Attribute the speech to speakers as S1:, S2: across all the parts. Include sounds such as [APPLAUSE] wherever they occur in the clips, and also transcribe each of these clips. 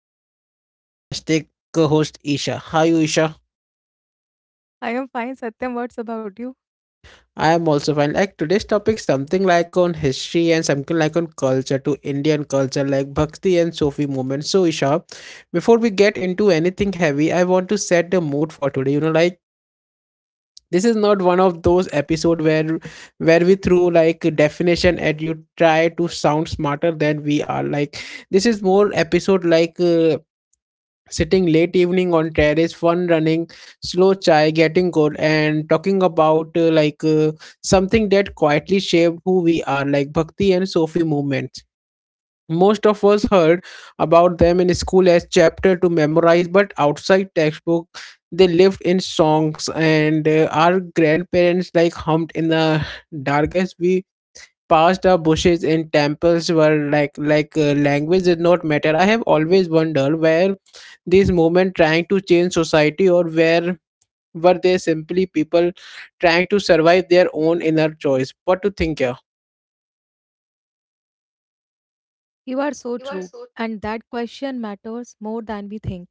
S1: fabulous, fantastic co-host Isha. Hi Isha.
S2: I am fine, Satyam. What's about you?
S1: I am also fine. Like today's topic something like on history and something like on culture to Indian culture like Bhakti and Sufi movement. So Isha, before we get into anything heavy, I want to set the mood for today. Like this is not one of those episodes where we throw like definition at you try to sound smarter than we are. Like this is more episode like sitting late evening on terrace fun running slow chai getting cold, and talking about something that quietly shaped who we are like bhakti and sufi movements most of us heard about them in school as chapter to memorize but outside textbook they lived in songs and our grandparents like hummed in the [LAUGHS] darkest we past our bushes in temples were like language did not matter. I have always wondered where these movement trying to change society or where were they simply people trying to survive their own inner choice. What to think here?
S2: You are so true. And that question matters more than we think.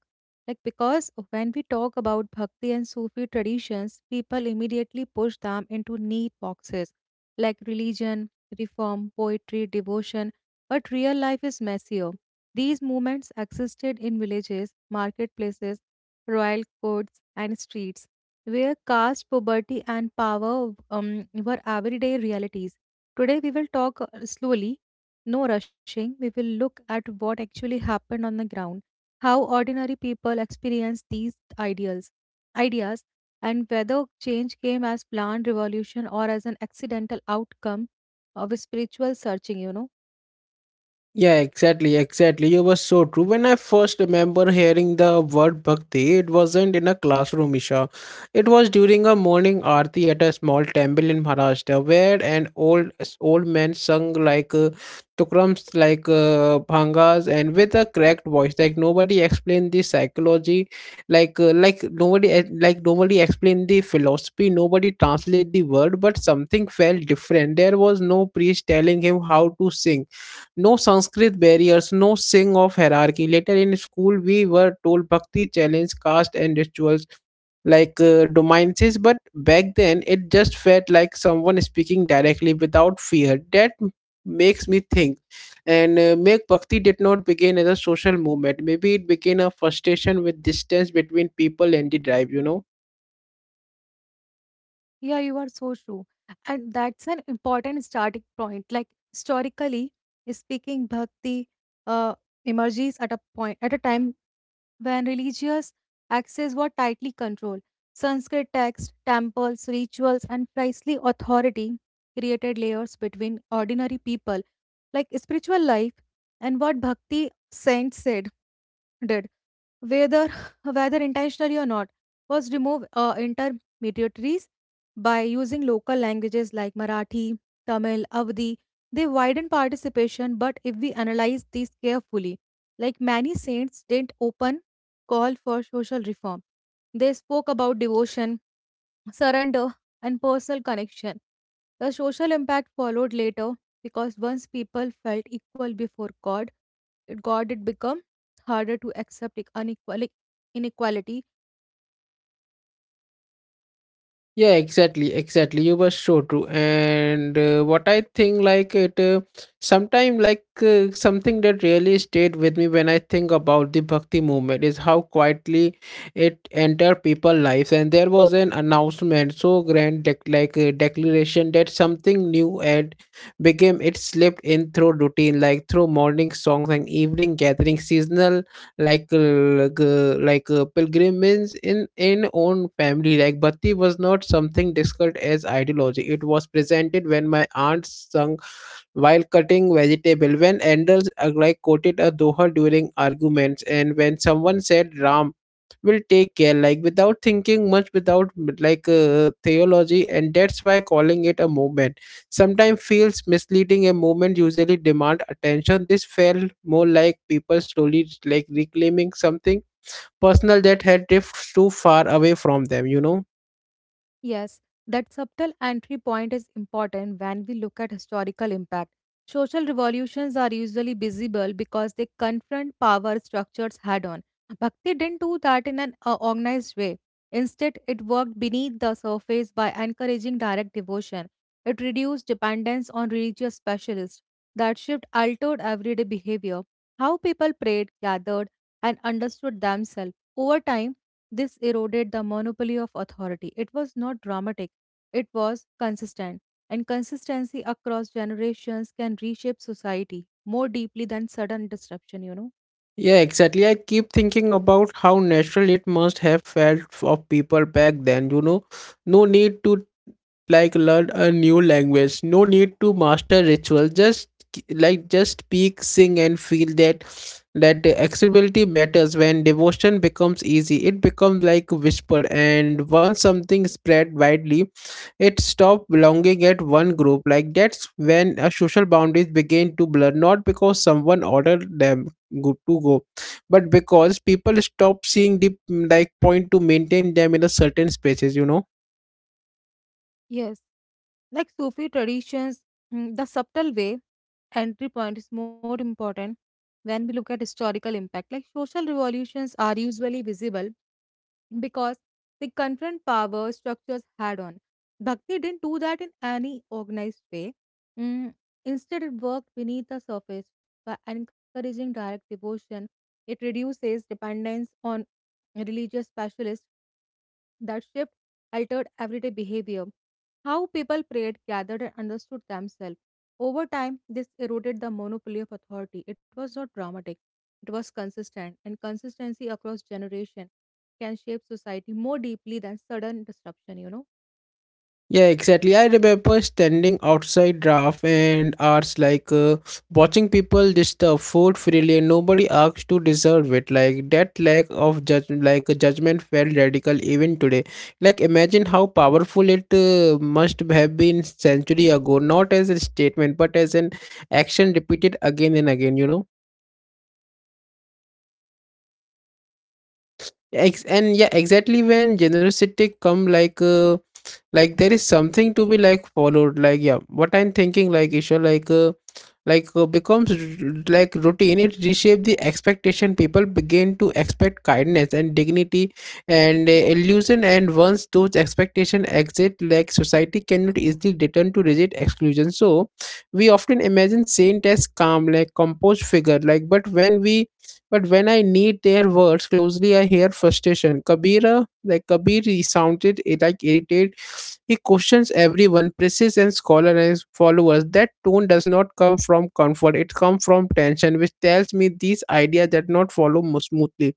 S2: Because when we talk about Bhakti and Sufi traditions, people immediately push them into neat boxes like religion, reform, poetry, devotion. But real life is messier. These movements existed in villages, marketplaces, royal courts, and streets, where caste, poverty, and power were everyday realities. Today, we will talk slowly, no rushing. We will look at what actually happened on the ground, how ordinary people experienced these ideas, and whether change came as planned revolution or as an accidental outcome of a spiritual searching, you know.
S1: Yeah, exactly, exactly. You were so true. When I first remember hearing the word bhakti, it wasn't in a classroom, Isha. It was during a morning aarti at a small temple in Maharashtra, where an old man sung like tukrams, like bhangas, and with a cracked voice. Like nobody explained the psychology, like nobody ex- like nobody explained the philosophy. Nobody translate the word, but something felt different. There was no priest telling him how to sing, no Sanskrit barriers, no sing of hierarchy. Later in school, we were told bhakti challenge caste and rituals like dominances, but back then it just felt like someone speaking directly without fear. Makes me think. And make bhakti did not begin as a social movement. Maybe it began a frustration with distance between people and the drive, you know.
S2: Yeah, you are so true. And that's an important starting point. Like historically speaking, bhakti uh, emerges at a point at a time when religious axes were tightly controlled. Sanskrit texts, temples, rituals, and priestly authority created layers between ordinary people, like spiritual life. And what Bhakti saints said did, whether [LAUGHS] whether intentionally or not, was remove intermediaries by using local languages like Marathi, Tamil, Avdi. They widen participation, but if we analyze these carefully, like many saints didn't open call for social reform. They spoke about devotion, surrender, and personal connection. The social impact followed later, because once people felt equal before God, it become harder to accept unequal inequality.
S1: Yeah, exactly, exactly. You were so true. And what I think, like it, sometime like something that really stayed with me when I think about the bhakti movement is how quietly it entered people' lives. And there was an announcement, so grand, like a declaration that something new and became. It slipped in through routine, like through morning songs and evening gatherings, seasonal pilgrimage in own family. Like bhakti was not something discussed as ideology, it was presented when my aunt sung while cutting vegetable, when elders like quoted a doha during arguments and when someone said ram will take care like without thinking much, without theology. And that's why calling it a movement sometimes feels misleading. A movement usually demand attention. This felt more like people slowly like reclaiming something personal that had drifted too far away from them, you know.
S2: Yes, that subtle entry point is important when we look at historical impact. Social revolutions are usually visible because they confront power structures head on. Bhakti didn't do that in an organized way. Instead, it worked beneath the surface by encouraging direct devotion. It reduced dependence on religious specialists. That shift altered everyday behavior, how people prayed, gathered, and understood themselves. Over time, this eroded the monopoly of authority. It was not dramatic, it was consistent. And consistency across generations can reshape society more deeply than sudden disruption, you know.
S1: Yeah, exactly, I keep thinking about how natural it must have felt for people back then, you know. No need to like learn a new language, no need to master ritual, just speak, sing and feel. That accessibility matters. When devotion becomes easy, it becomes like whispered. And once something spread widely, it stops belonging at one group. Like that's when a social boundaries begin to blur, not because someone ordered them to go, but because people stop seeing the like point to maintain them in a certain spaces, you know.
S2: Yes, like Sufi traditions, the subtle way entry point is more important when we look at historical impact. Like social revolutions are usually visible because they confront power structures had on. Bhakti didn't do that in any organized way. Mm, Instead, it worked beneath the surface by encouraging direct devotion. It reduces dependence on religious specialists. That shift altered everyday behavior. How people prayed, gathered, and understood themselves. Over time, this eroded the monopoly of authority. It was not dramatic, it was consistent, and consistency across generations can shape society more deeply than sudden disruption, you know.
S1: Yeah, exactly. I remember standing outside draft and hours like watching people dish the food freely and nobody asked to deserve it. Like that lack of judge, like judgment felt radical even today. Like imagine how powerful it must have been century ago, not as a statement but as an action repeated again and again. You know. Ex- and Yeah, exactly when generosity come like. Like there is something to be like followed like yeah. What I'm thinking like Isha, becomes like routine. It reshape the expectation. People begin to expect kindness and dignity and illusion. And once those expectation exit, like society cannot easily return to rigid exclusion. So we often imagine saint as calm like composed figure. Like but when I need their words closely, I hear frustration. Kabira, like Kabir, he sounded like irritated. He questions everyone, praises and scholars followers. That tone does not come from comfort, it comes from tension, which tells me these ideas did not follow smoothly.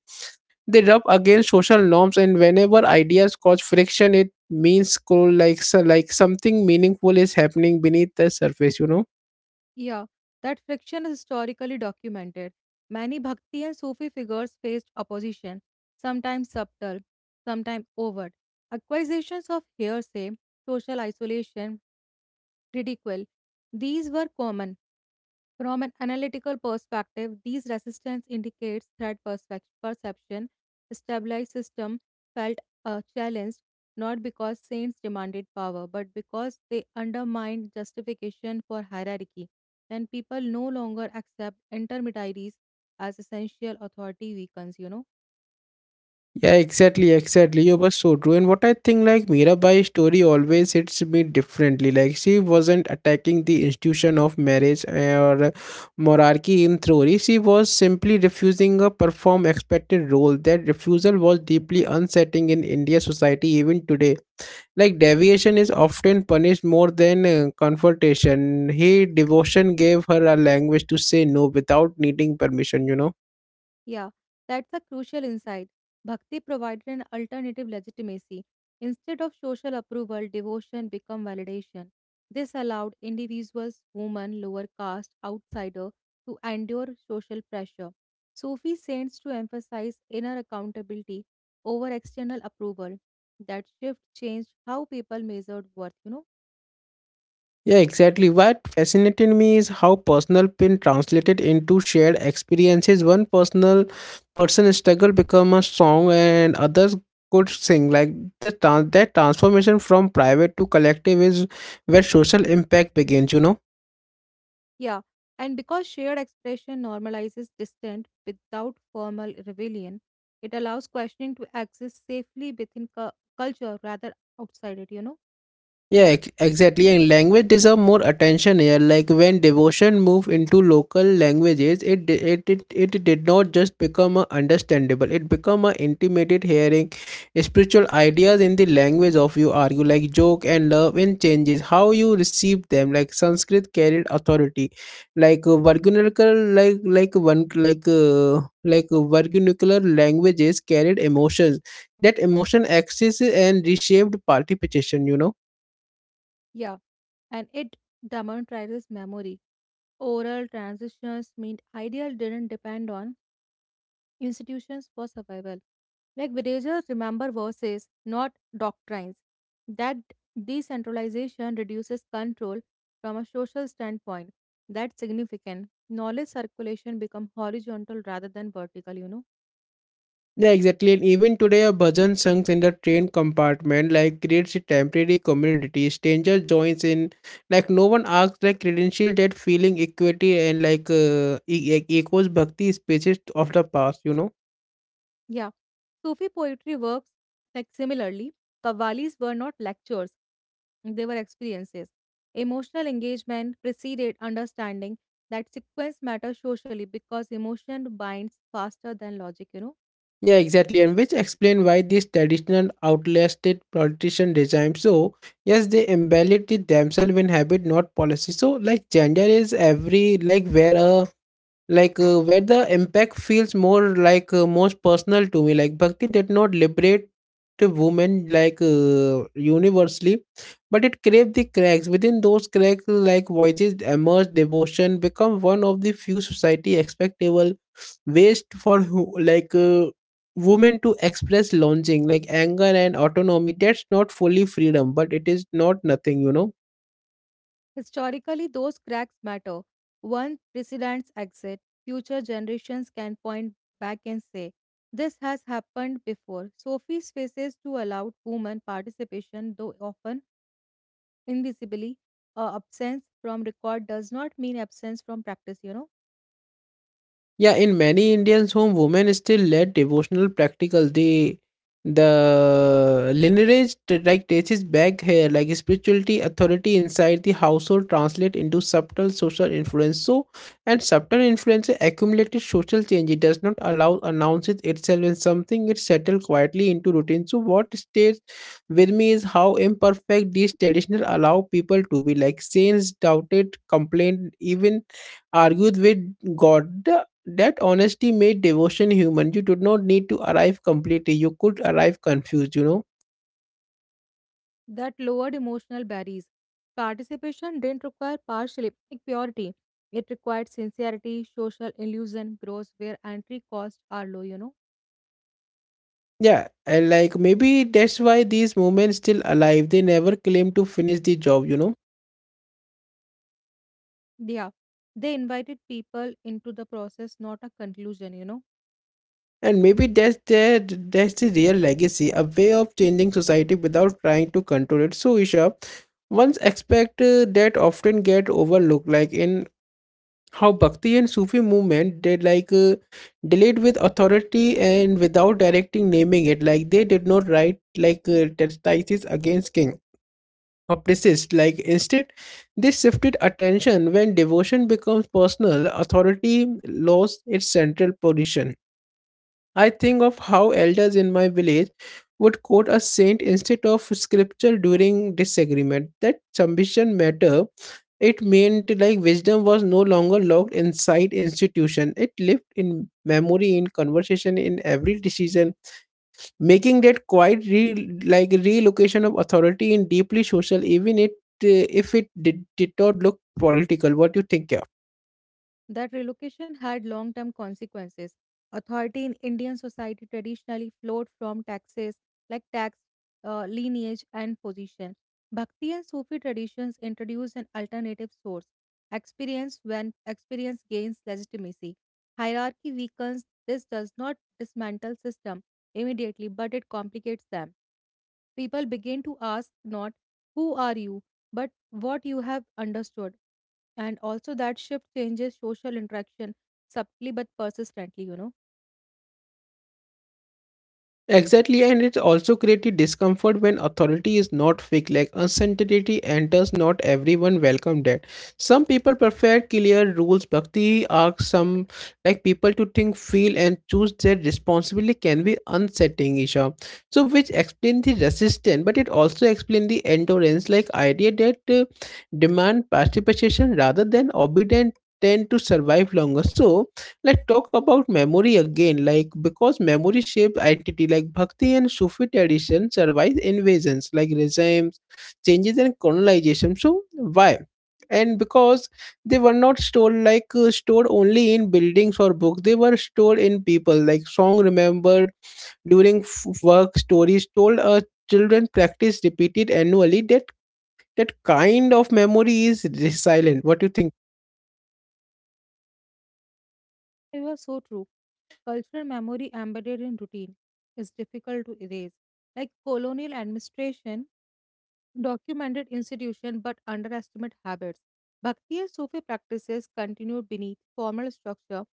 S1: They rub against social norms, and whenever ideas cause friction, it means cool, like something meaningful is happening beneath the surface, you know.
S2: Yeah, that friction is historically documented. Many Bhakti and Sufi figures faced opposition, sometimes subtle, sometimes overt. Accusations of hearsay, social isolation, ridicule, these were common. From an analytical perspective, these resistance indicates threat perception. A stabilized system felt challenged, not because saints demanded power, but because they undermined justification for hierarchy. When people no longer accept intermediaries as essential, authority weakens, you know.
S1: Yeah, exactly, exactly. You were so true. And what I think, like Mirabai's story always hits me differently. Like she wasn't attacking the institution of marriage or monarchy in theory. She was simply refusing a perform expected role. That refusal was deeply unsettling in India society even today. Like deviation is often punished more than confrontation. He devotion gave her a language to say no without needing permission, you know.
S2: Yeah, that's a crucial insight. Bhakti provided an alternative legitimacy. Instead of social approval, devotion became validation. This allowed individuals, women, lower caste, outsider, to endure social pressure. Sufi saints to emphasize inner accountability over external approval. That shift changed how people measured worth, you know.
S1: Yeah, exactly. What fascinated me is how personal pain translated into shared experiences. One personal Person struggle become a song, and others could sing. Like the transformation from private to collective is where social impact begins. You know.
S2: Yeah, and because shared expression normalizes dissent without formal rebellion, it allows questioning to exist safely within culture rather outside it, you know?
S1: Exactly. And language deserve more attention here. Like when devotion moved into local languages, it di- it did not just become a understandable. It become a intimate hearing. Spiritual ideas in the language of you argue like joke and love and changes how you receive them. Like Sanskrit carried authority, like vernacular like one like vernacular languages carried emotions. That emotion exists and reshaped participation. You know.
S2: Yeah, and it demonetizes memory. Oral transitions mean ideal didn't depend on institutions for survival. Like villagers remember verses, not doctrines. That decentralization reduces control from a social standpoint. That's significant. Knowledge circulation become horizontal rather than vertical, you know.
S1: Yeah, exactly. And even today, a bhajan sings in the train compartment like creates a temporary community. Stranger joins in, like no one asks like credential. That feeling equity and like echoes bhakti spaces of the past. You know.
S2: Yeah. Sufi poetry works like similarly. Qawwalis were not lectures, they were experiences. Emotional engagement preceded understanding. That sequence matters socially, because emotion binds faster than logic, you know.
S1: Yeah, exactly. And which explain why these traditional outlasted politician regime. So yes, they embellish it themselves in habit, not policy. So like gender is every like where a like where the impact feels more like most personal to me. Like bhakti did not liberate the women like universally, but it craved the cracks. Within those cracks, like voices emerged. Devotion become one of the few society expectable ways for women to express longing like anger and autonomy. That's not fully freedom but it is not nothing, you know.
S2: Historically, those cracks matter. One presidents exit, future generations can point back and say, "This has happened before." Sophie's faces to allowed women participation, though often invisibly. Absence from record does not mean absence from practice, you know.
S1: Yeah, in many Indians home, women still led devotional practical. The lineage like traces back here. Like spirituality authority inside the household translate into subtle social influence. So, and subtle influence accumulated social change. It does not allow announces itself in something. It settled quietly into routine. So, what stays with me is how imperfect these traditional allow people to be. Like saints doubted, complained, even argued with God. That honesty made devotion human. You did not need to arrive completely. You could arrive confused, you know?
S2: That lowered emotional barriers. Participation didn't require partial purity. It required sincerity. Social illusion grows where entry costs are low, you know.
S1: Yeah, and like maybe that's why these moments still alive. They never claim to finish the job, you know?
S2: Yeah, they invited people into the process, not a conclusion, you know.
S1: And maybe that's the real legacy, a way of changing society without trying to control it. So Isha, one's expect that often get overlooked, like in how Bhakti and Sufi movement did like delayed with authority and without directing naming it. Like they did not write like treatises against king or priest. Like instead, they shifted attention. When devotion becomes personal, authority lost its central position. I think of how elders in my village would quote a saint instead of scripture during disagreement. That submission matter. It meant like wisdom was no longer locked inside institution. It lived in memory, in conversation, in every decision, making like relocation of authority in deeply social, even it if it did not look political. What do you think? Yeah?
S2: That relocation had long term consequences. Authority in Indian society traditionally flowed from taxes like tax, lineage, and position. Bhakti and Sufi traditions introduce an alternative source, experience. When experience gains legitimacy, hierarchy weakens. This does not dismantle system immediately, but it complicates them. People begin to ask not "who are you" but "what you have understood". And also, that shift changes social interaction subtly but persistently, you know.
S1: Exactly, and it also created discomfort. When authority is not fixed, like uncertainty enters, not everyone welcome that. Some people prefer clear rules. Bhakti asks some like people to think, feel and choose their responsibility. Can be unsettling, Isha. So which explains the resistance, but it also explains the endurance. Like idea that demand participation rather than obedient tend to survive longer. So let's talk about memory again. Like because memory shape identity, like Bhakti and Sufi tradition survive invasions, like regimes, changes, and colonization. So why? And because they were not stored like stored only in buildings or books, they were stored in people. Like song remembered during work, stories told. Children practice repeated annually. That kind of memory is resilient. What do you think?
S2: It was so true. Cultural memory embedded in routine is difficult to erase. Like colonial administration documented institution but underestimate habits. Bhakti and Sufi practices continue beneath formal structure.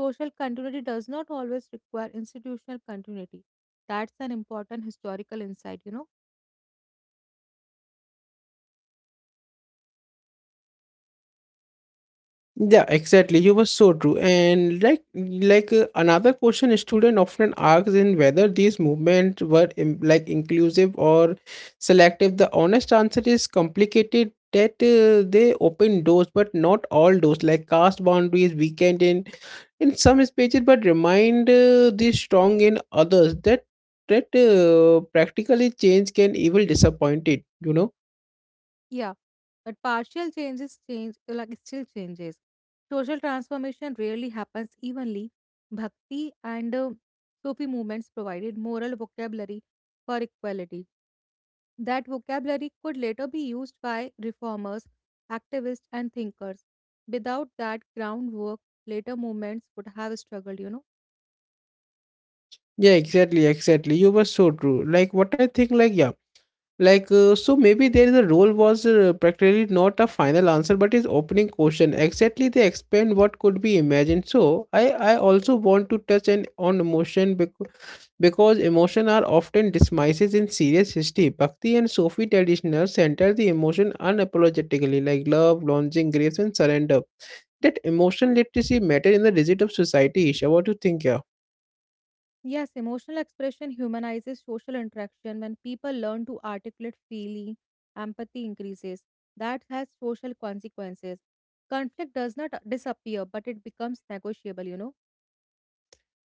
S2: Social continuity does not always require institutional continuity. That's an important historical insight, you know.
S1: Yeah, exactly. You were so true. And another question a student often asks in whether these movements were inclusive or selective. The honest answer is complicated that they open doors but not all doors, like caste boundaries weakened in some spaces but remind these strong in others, that that practically change can even disappoint it. you know
S2: Yeah, but partial changes change like still changes. Social transformation rarely happens evenly. Bhakti and Sufi movements provided moral vocabulary for equality. That vocabulary could later be used by reformers, activists, and thinkers. Without that groundwork, later movements would have struggled, you know.
S1: yeah exactly, you were so true. Like what I think like yeah like So maybe there is a role was practically not a final answer but is opening question, exactly, they expand what could be imagined. So I also want to touch an, on emotion, because emotion are often dismisses in serious history. Bhakti and Sufi traditionals center the emotion unapologetically, like love, longing, grace and surrender. That emotion literacy matter in the digit of society. Isha, what do you think? Yeah,
S2: Yes, emotional expression humanizes social interaction. When people learn to articulate feeling, empathy increases. That has social consequences. Conflict does not disappear, but it becomes negotiable, you know.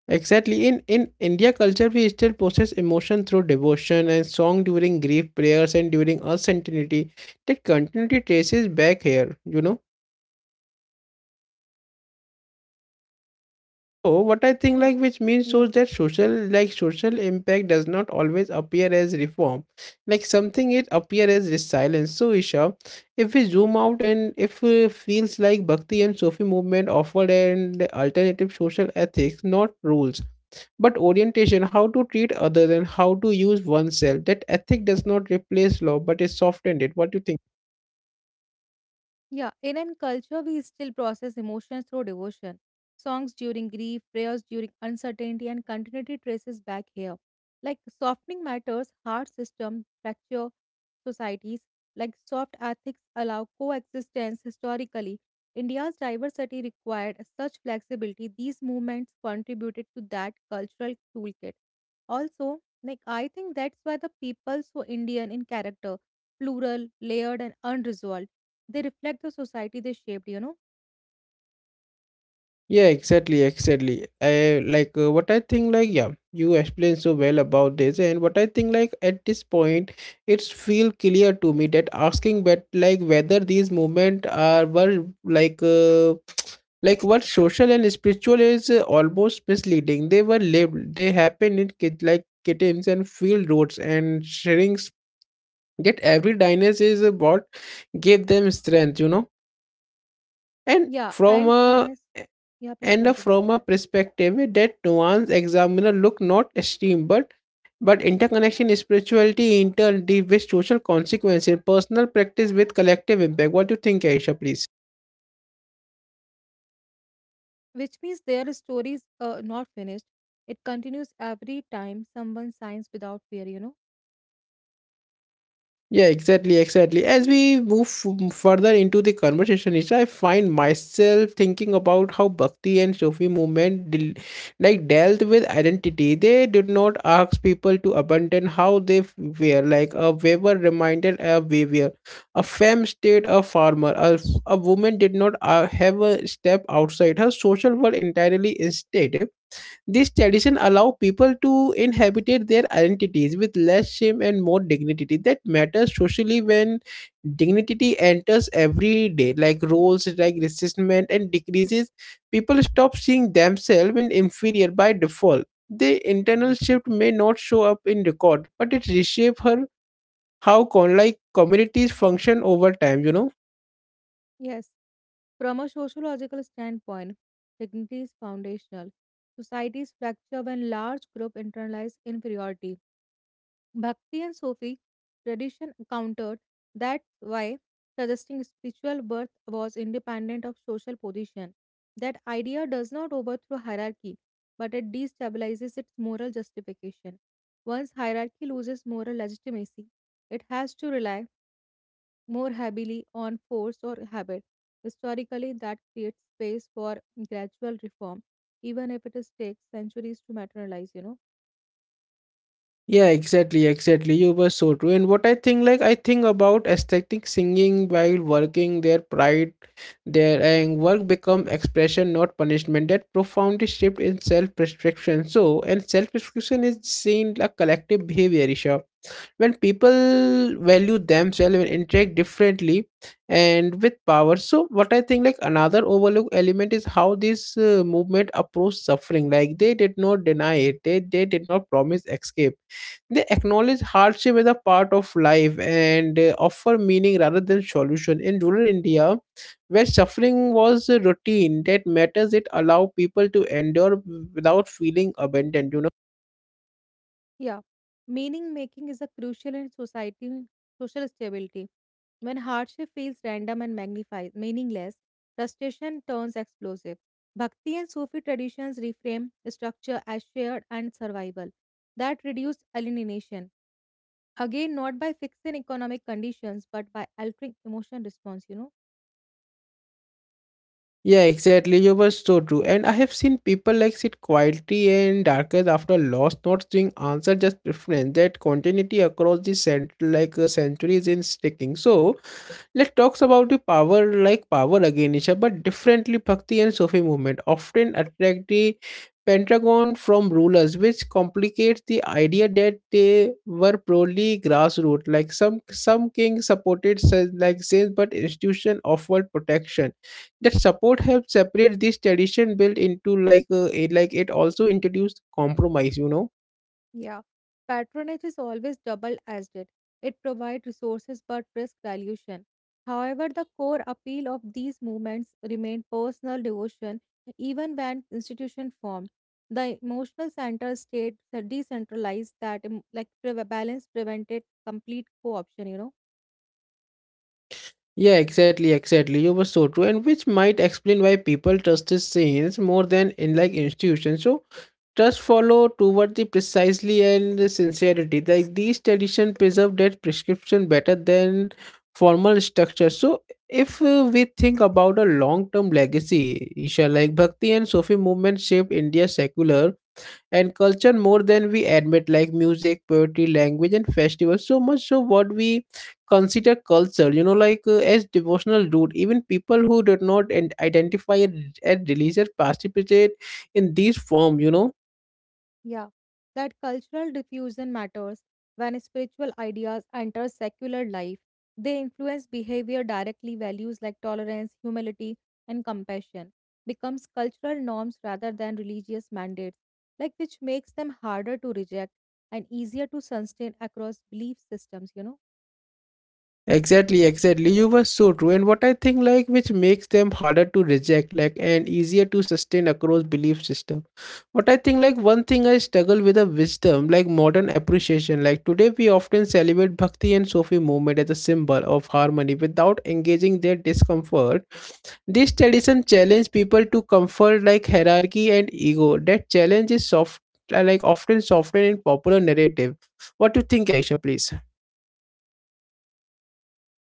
S1: exactly. In India culture, we still process emotion through devotion and song during grief, prayers, and during uncertainty. That continuity traces back here, you know. So what I think,
S2: In
S1: like, which means
S2: yes.
S1: shows that social impact does not always appear as reform. Like something it appear as resilience. So Isha, if we zoom out and if feels like Bhakti and Sufi movement offered an alternative social ethics, not rules but orientation, how to treat others and how to use oneself. That ethic does not replace law, but it softened it. What do you think?
S2: Yeah, in Indian culture, we still process emotions through devotion. Songs during grief, prayers during uncertainty, and continuity traces back here. Like softening matters, heart system, fracture societies, like soft ethics allow coexistence historically. India's diversity required such flexibility. These movements contributed to that cultural toolkit. Also, like I think that's why the people so Indian in character, plural, layered, and unresolved, they reflect the society they shaped, you know?
S1: Yeah, exactly. I like what I think. Like, yeah, you explained so well about this, and what I think, like, at this point, it's feel clear to me that asking, but like whether these movement are were like. [TSK] Like what social and spiritual is almost misleading. They were lived, they happen in kid like kittens and field roads and sharing. Yet every dynasty is what gave them strength, you know. And
S2: Yeah,
S1: from
S2: and from
S1: a
S2: us. Yeah, please
S1: and a-
S2: continue.
S1: From a perspective that nuanced examiner look not extreme but interconnection, spirituality, interdeep with social consequences, personal practice with collective impact. What do you think, Aisha, please?
S2: Which means their story is not finished. It continues every time someone signs without fear, you know?
S1: Yeah, exactly. As we move further into the conversation, Isha, I find myself thinking about how Bhakti and Sufi movement dealt with identity. They did not ask people to abandon how they were. Like a weaver reminded a weaver, a femme stayed a farmer. A, a woman did not have a step outside her social world entirely instead. This tradition allow people to inhabitate their identities with less shame and more dignity. That matters socially when dignity enters every day, like roles, like resistment and decreases. People stop seeing themselves in inferior by default. The internal shift may not show up in record, but it reshape her how communities function over time. You know.
S2: Yes. From a sociological standpoint, dignity is foundational. Societies fracture when large group internalize inferiority. Bhakti and Sufi tradition countered that why suggesting spiritual birth was independent of social position. That idea does not overthrow hierarchy, but it destabilizes its moral justification. Once hierarchy loses moral legitimacy, it has to rely more heavily on force or habit. Historically, that creates space for gradual reform, even if it takes centuries to materialize, you know.
S1: Yeah, exactly. You were so true. And what I think, like, I think about aesthetic singing while working, their pride, their and work become expression, not punishment. That profoundly shift in self prescription. So, and self prescription is seen like collective behavior, Isha. When people value themselves and interact differently and with power. So, what I think, like, another overlooked element is how this movement approached suffering. Like, they did not deny it, they did not promise escape, they acknowledge hardship as a part of life and offer meaning rather than solution. In rural India, where suffering was a routine that matters, it allowed people to endure without feeling abandoned, you know.
S2: Yeah. Meaning making is a crucial in society social stability. When hardship feels random and magnified, meaningless, frustration turns explosive. Bhakti and Sufi traditions reframe structure as shared and survival. That reduced alienation. Again, not by fixing economic conditions, but by altering emotion response, you know.
S1: Yeah, exactly. You were so true. And I have seen people like sit quietly and darkest after loss, not seeing answer, just preference. That continuity across the centuries in sticking. So, let's talk about the power again, Isha, but differently. Bhakti and Sufi movement often attract the Pentagon from rulers, which complicates the idea that they were purely grassroots. Like some kings supported saints, but institution offered protection. That support helped separate this tradition built into it also introduced compromise. You know.
S2: Yeah, patronage is always double edged. It provides resources but risk dilution. However, the core appeal of these movements remained personal devotion even when institution formed. The emotional center stayed decentralized. That like balance prevented complete co-option, you know.
S1: Yeah, exactly. You were so true, and which might explain why people trust these scenes more than in like institutions. So trust follow toward the precisely and the sincerity. Like these tradition preserve that prescription better than formal structure. So if we think about a long-term legacy, Isha, like Bhakti and Sufi movement shaped India's secular and culture more than we admit, like music, poetry, language and festivals, so much so what we consider culture, you know, like as devotional root, even people who do not and identify and religious participate in these form, you know.
S2: Yeah, that cultural diffusion matters when spiritual ideas enter secular life. They influence behavior directly. Values like tolerance, humility, and compassion becomes cultural norms rather than religious mandates, like which makes them harder to reject and easier to sustain across belief systems, you know.
S1: Exactly, exactly. You were so true. And what I think, like, which makes them harder to reject, like, and easier to sustain across belief system. What I think, like, one thing I struggle with a wisdom, like modern appreciation. Like today we often celebrate Bhakti and Sufi movement as a symbol of harmony without engaging their discomfort. This tradition challenge people to comfort like hierarchy and ego. That challenge is soft like often softened in popular narrative. What do you think, Aisha, please?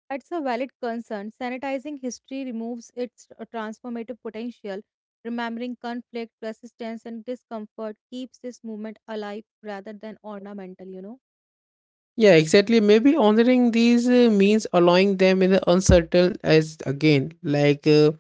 S2: That's a valid concern. Sanitizing history removes its transformative potential. Remembering conflict, resistance, and discomfort keeps this movement alive rather than ornamental, you know.
S1: Yeah, exactly. Maybe honoring these means allowing them in the uncertain as again, like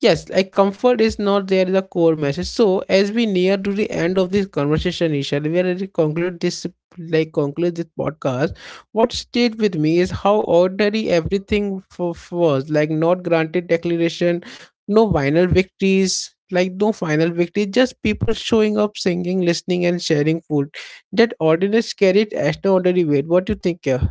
S1: yes, like comfort is not, there is a core message. So as we near to the end of this conversation, Isha, we already conclude this podcast. What stayed with me is how ordinary everything for, was, like not granted declaration, no final victories, like no final victory, just people showing up, singing, listening, and sharing food. That ordinary carried as no ordinary weight. What do you think? Uh?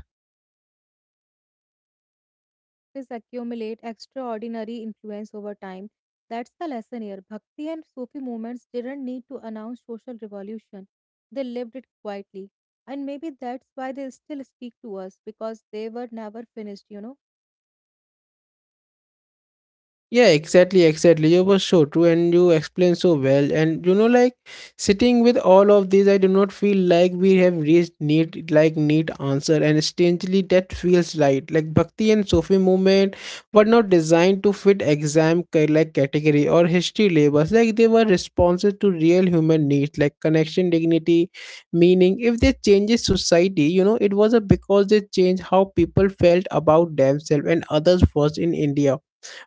S2: This accumulate extraordinary influence over time. That's the lesson here. Bhakti and Sufi movements didn't need to announce social revolution. They lived it quietly. And maybe that's why they still speak to us, because they were never finished, you know.
S1: Yeah, exactly. You were so true and you explained so well. And you know, like sitting with all of these, I do not feel like we have reached neat answer. And strangely that feels right. Like Bhakti and Sufi movement were not designed to fit exam ca- like category or history labels. Like they were responses to real human needs, like connection, dignity, meaning. If they changes society, you know, it was a because they changed how people felt about themselves and others first in India.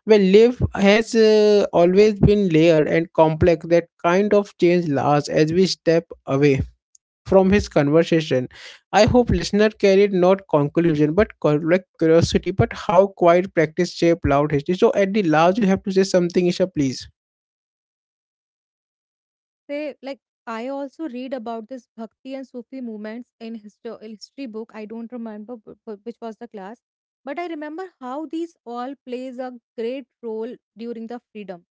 S1: Well, life has always been layered and complex. That kind of change lasts as we step away from his conversation. I hope listener carried not conclusion but curiosity, but how quiet practice shape loud history. So at the last, you have to say something, Isha, please.
S2: They like, I also read about this bhakti and Sufi movements in history book. I don't remember which was the class, but I remember how these all plays a great role during the freedom,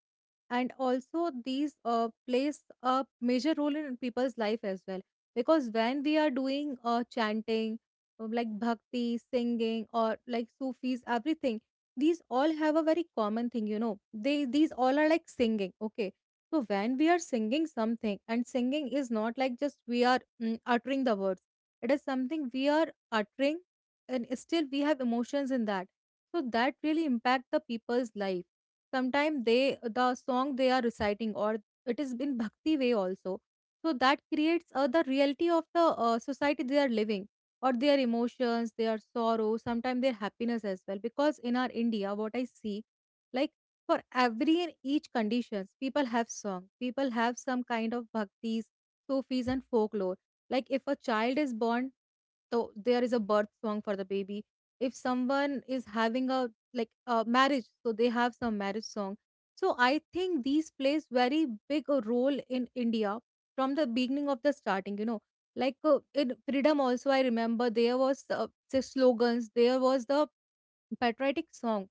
S2: and also these plays a major role in people's life as well. Because when we are doing chanting, like bhakti singing or like sufis, everything, these all have a very common thing, you know. They, these all are like singing, okay? So when we are singing something, and singing is not like just we are uttering the words, it is something we are uttering, and still we have emotions in that. So that really impact the people's life. Sometimes they, the song they are reciting, or it is in bhakti way also, so that creates the reality of the society they are living, or their emotions, their sorrow, sometimes their happiness as well. Because in our India, what I see, like, for every and each conditions people have song, people have some kind of bhaktis, sufis, and folklore. Like if a child is born, there is a birth song for the baby. If someone is having a like a marriage, so they have some marriage song. So I think these plays very big a role in India from the beginning of the starting, you know. Like in freedom also, I remember there was say slogans, there was the patriotic song.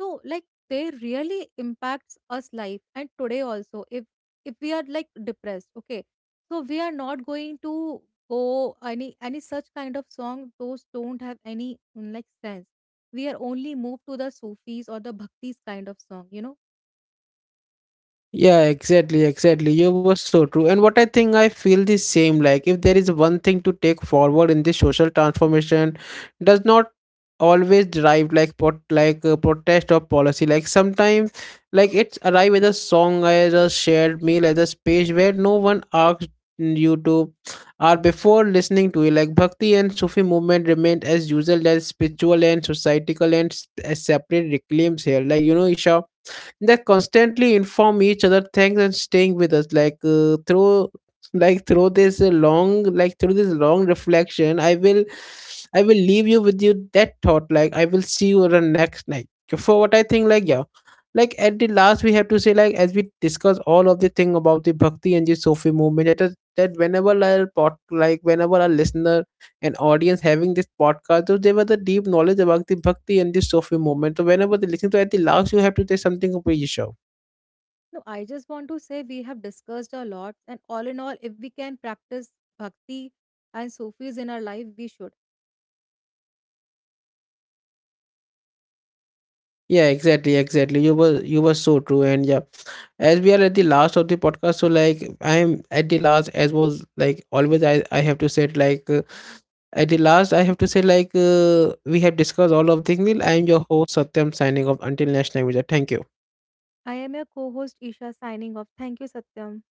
S2: So like they really impacts us life. And today also, if we are like depressed, okay, so we are not going to go any such kind of song, those don't have any like sense. We are only moved to the sufis or the bhaktis kind of song, you know.
S1: Yeah, exactly. You were so true. And what I think I feel the same, like if there is one thing to take forward, in this social transformation does not always derive like pot like a protest or policy. Like sometimes like it's arrive as a song, as a shared meal, as a space where no one asks you to or before listening to it. Like Bhakti and Sufi movement remained as usual as spiritual and societal and as separate reclaims here, like you know Isha, they constantly inform each other. Thanks and staying with us, like through like through this long like through this long reflection. I will leave you with you that thought, like I will see you on the next night. So, for what I think, like, yeah, like at the last we have to say, like, as we discuss all of the thing about the Bhakti and the Sufi movement, that, that whenever I pot like whenever a listener, an audience having this podcast, so there was a deep knowledge about the Bhakti and the Sufi movement. So whenever they listen to, at the last you have to say something about yourself.
S2: No, I just want to say, we have discussed a lot, and all in all, if we can practice bhakti and sufis in our life, we should.
S1: Yeah, exactly. You were so true, and yeah, as we are at the last of the podcast, so like I am at the last, as was like always. I have to say it like at the last, I have to say like we have discussed all of things. I am your host Satyam, signing off until next time. Vijay. Thank you.
S2: I am your co-host Isha, signing off. Thank you, Satyam.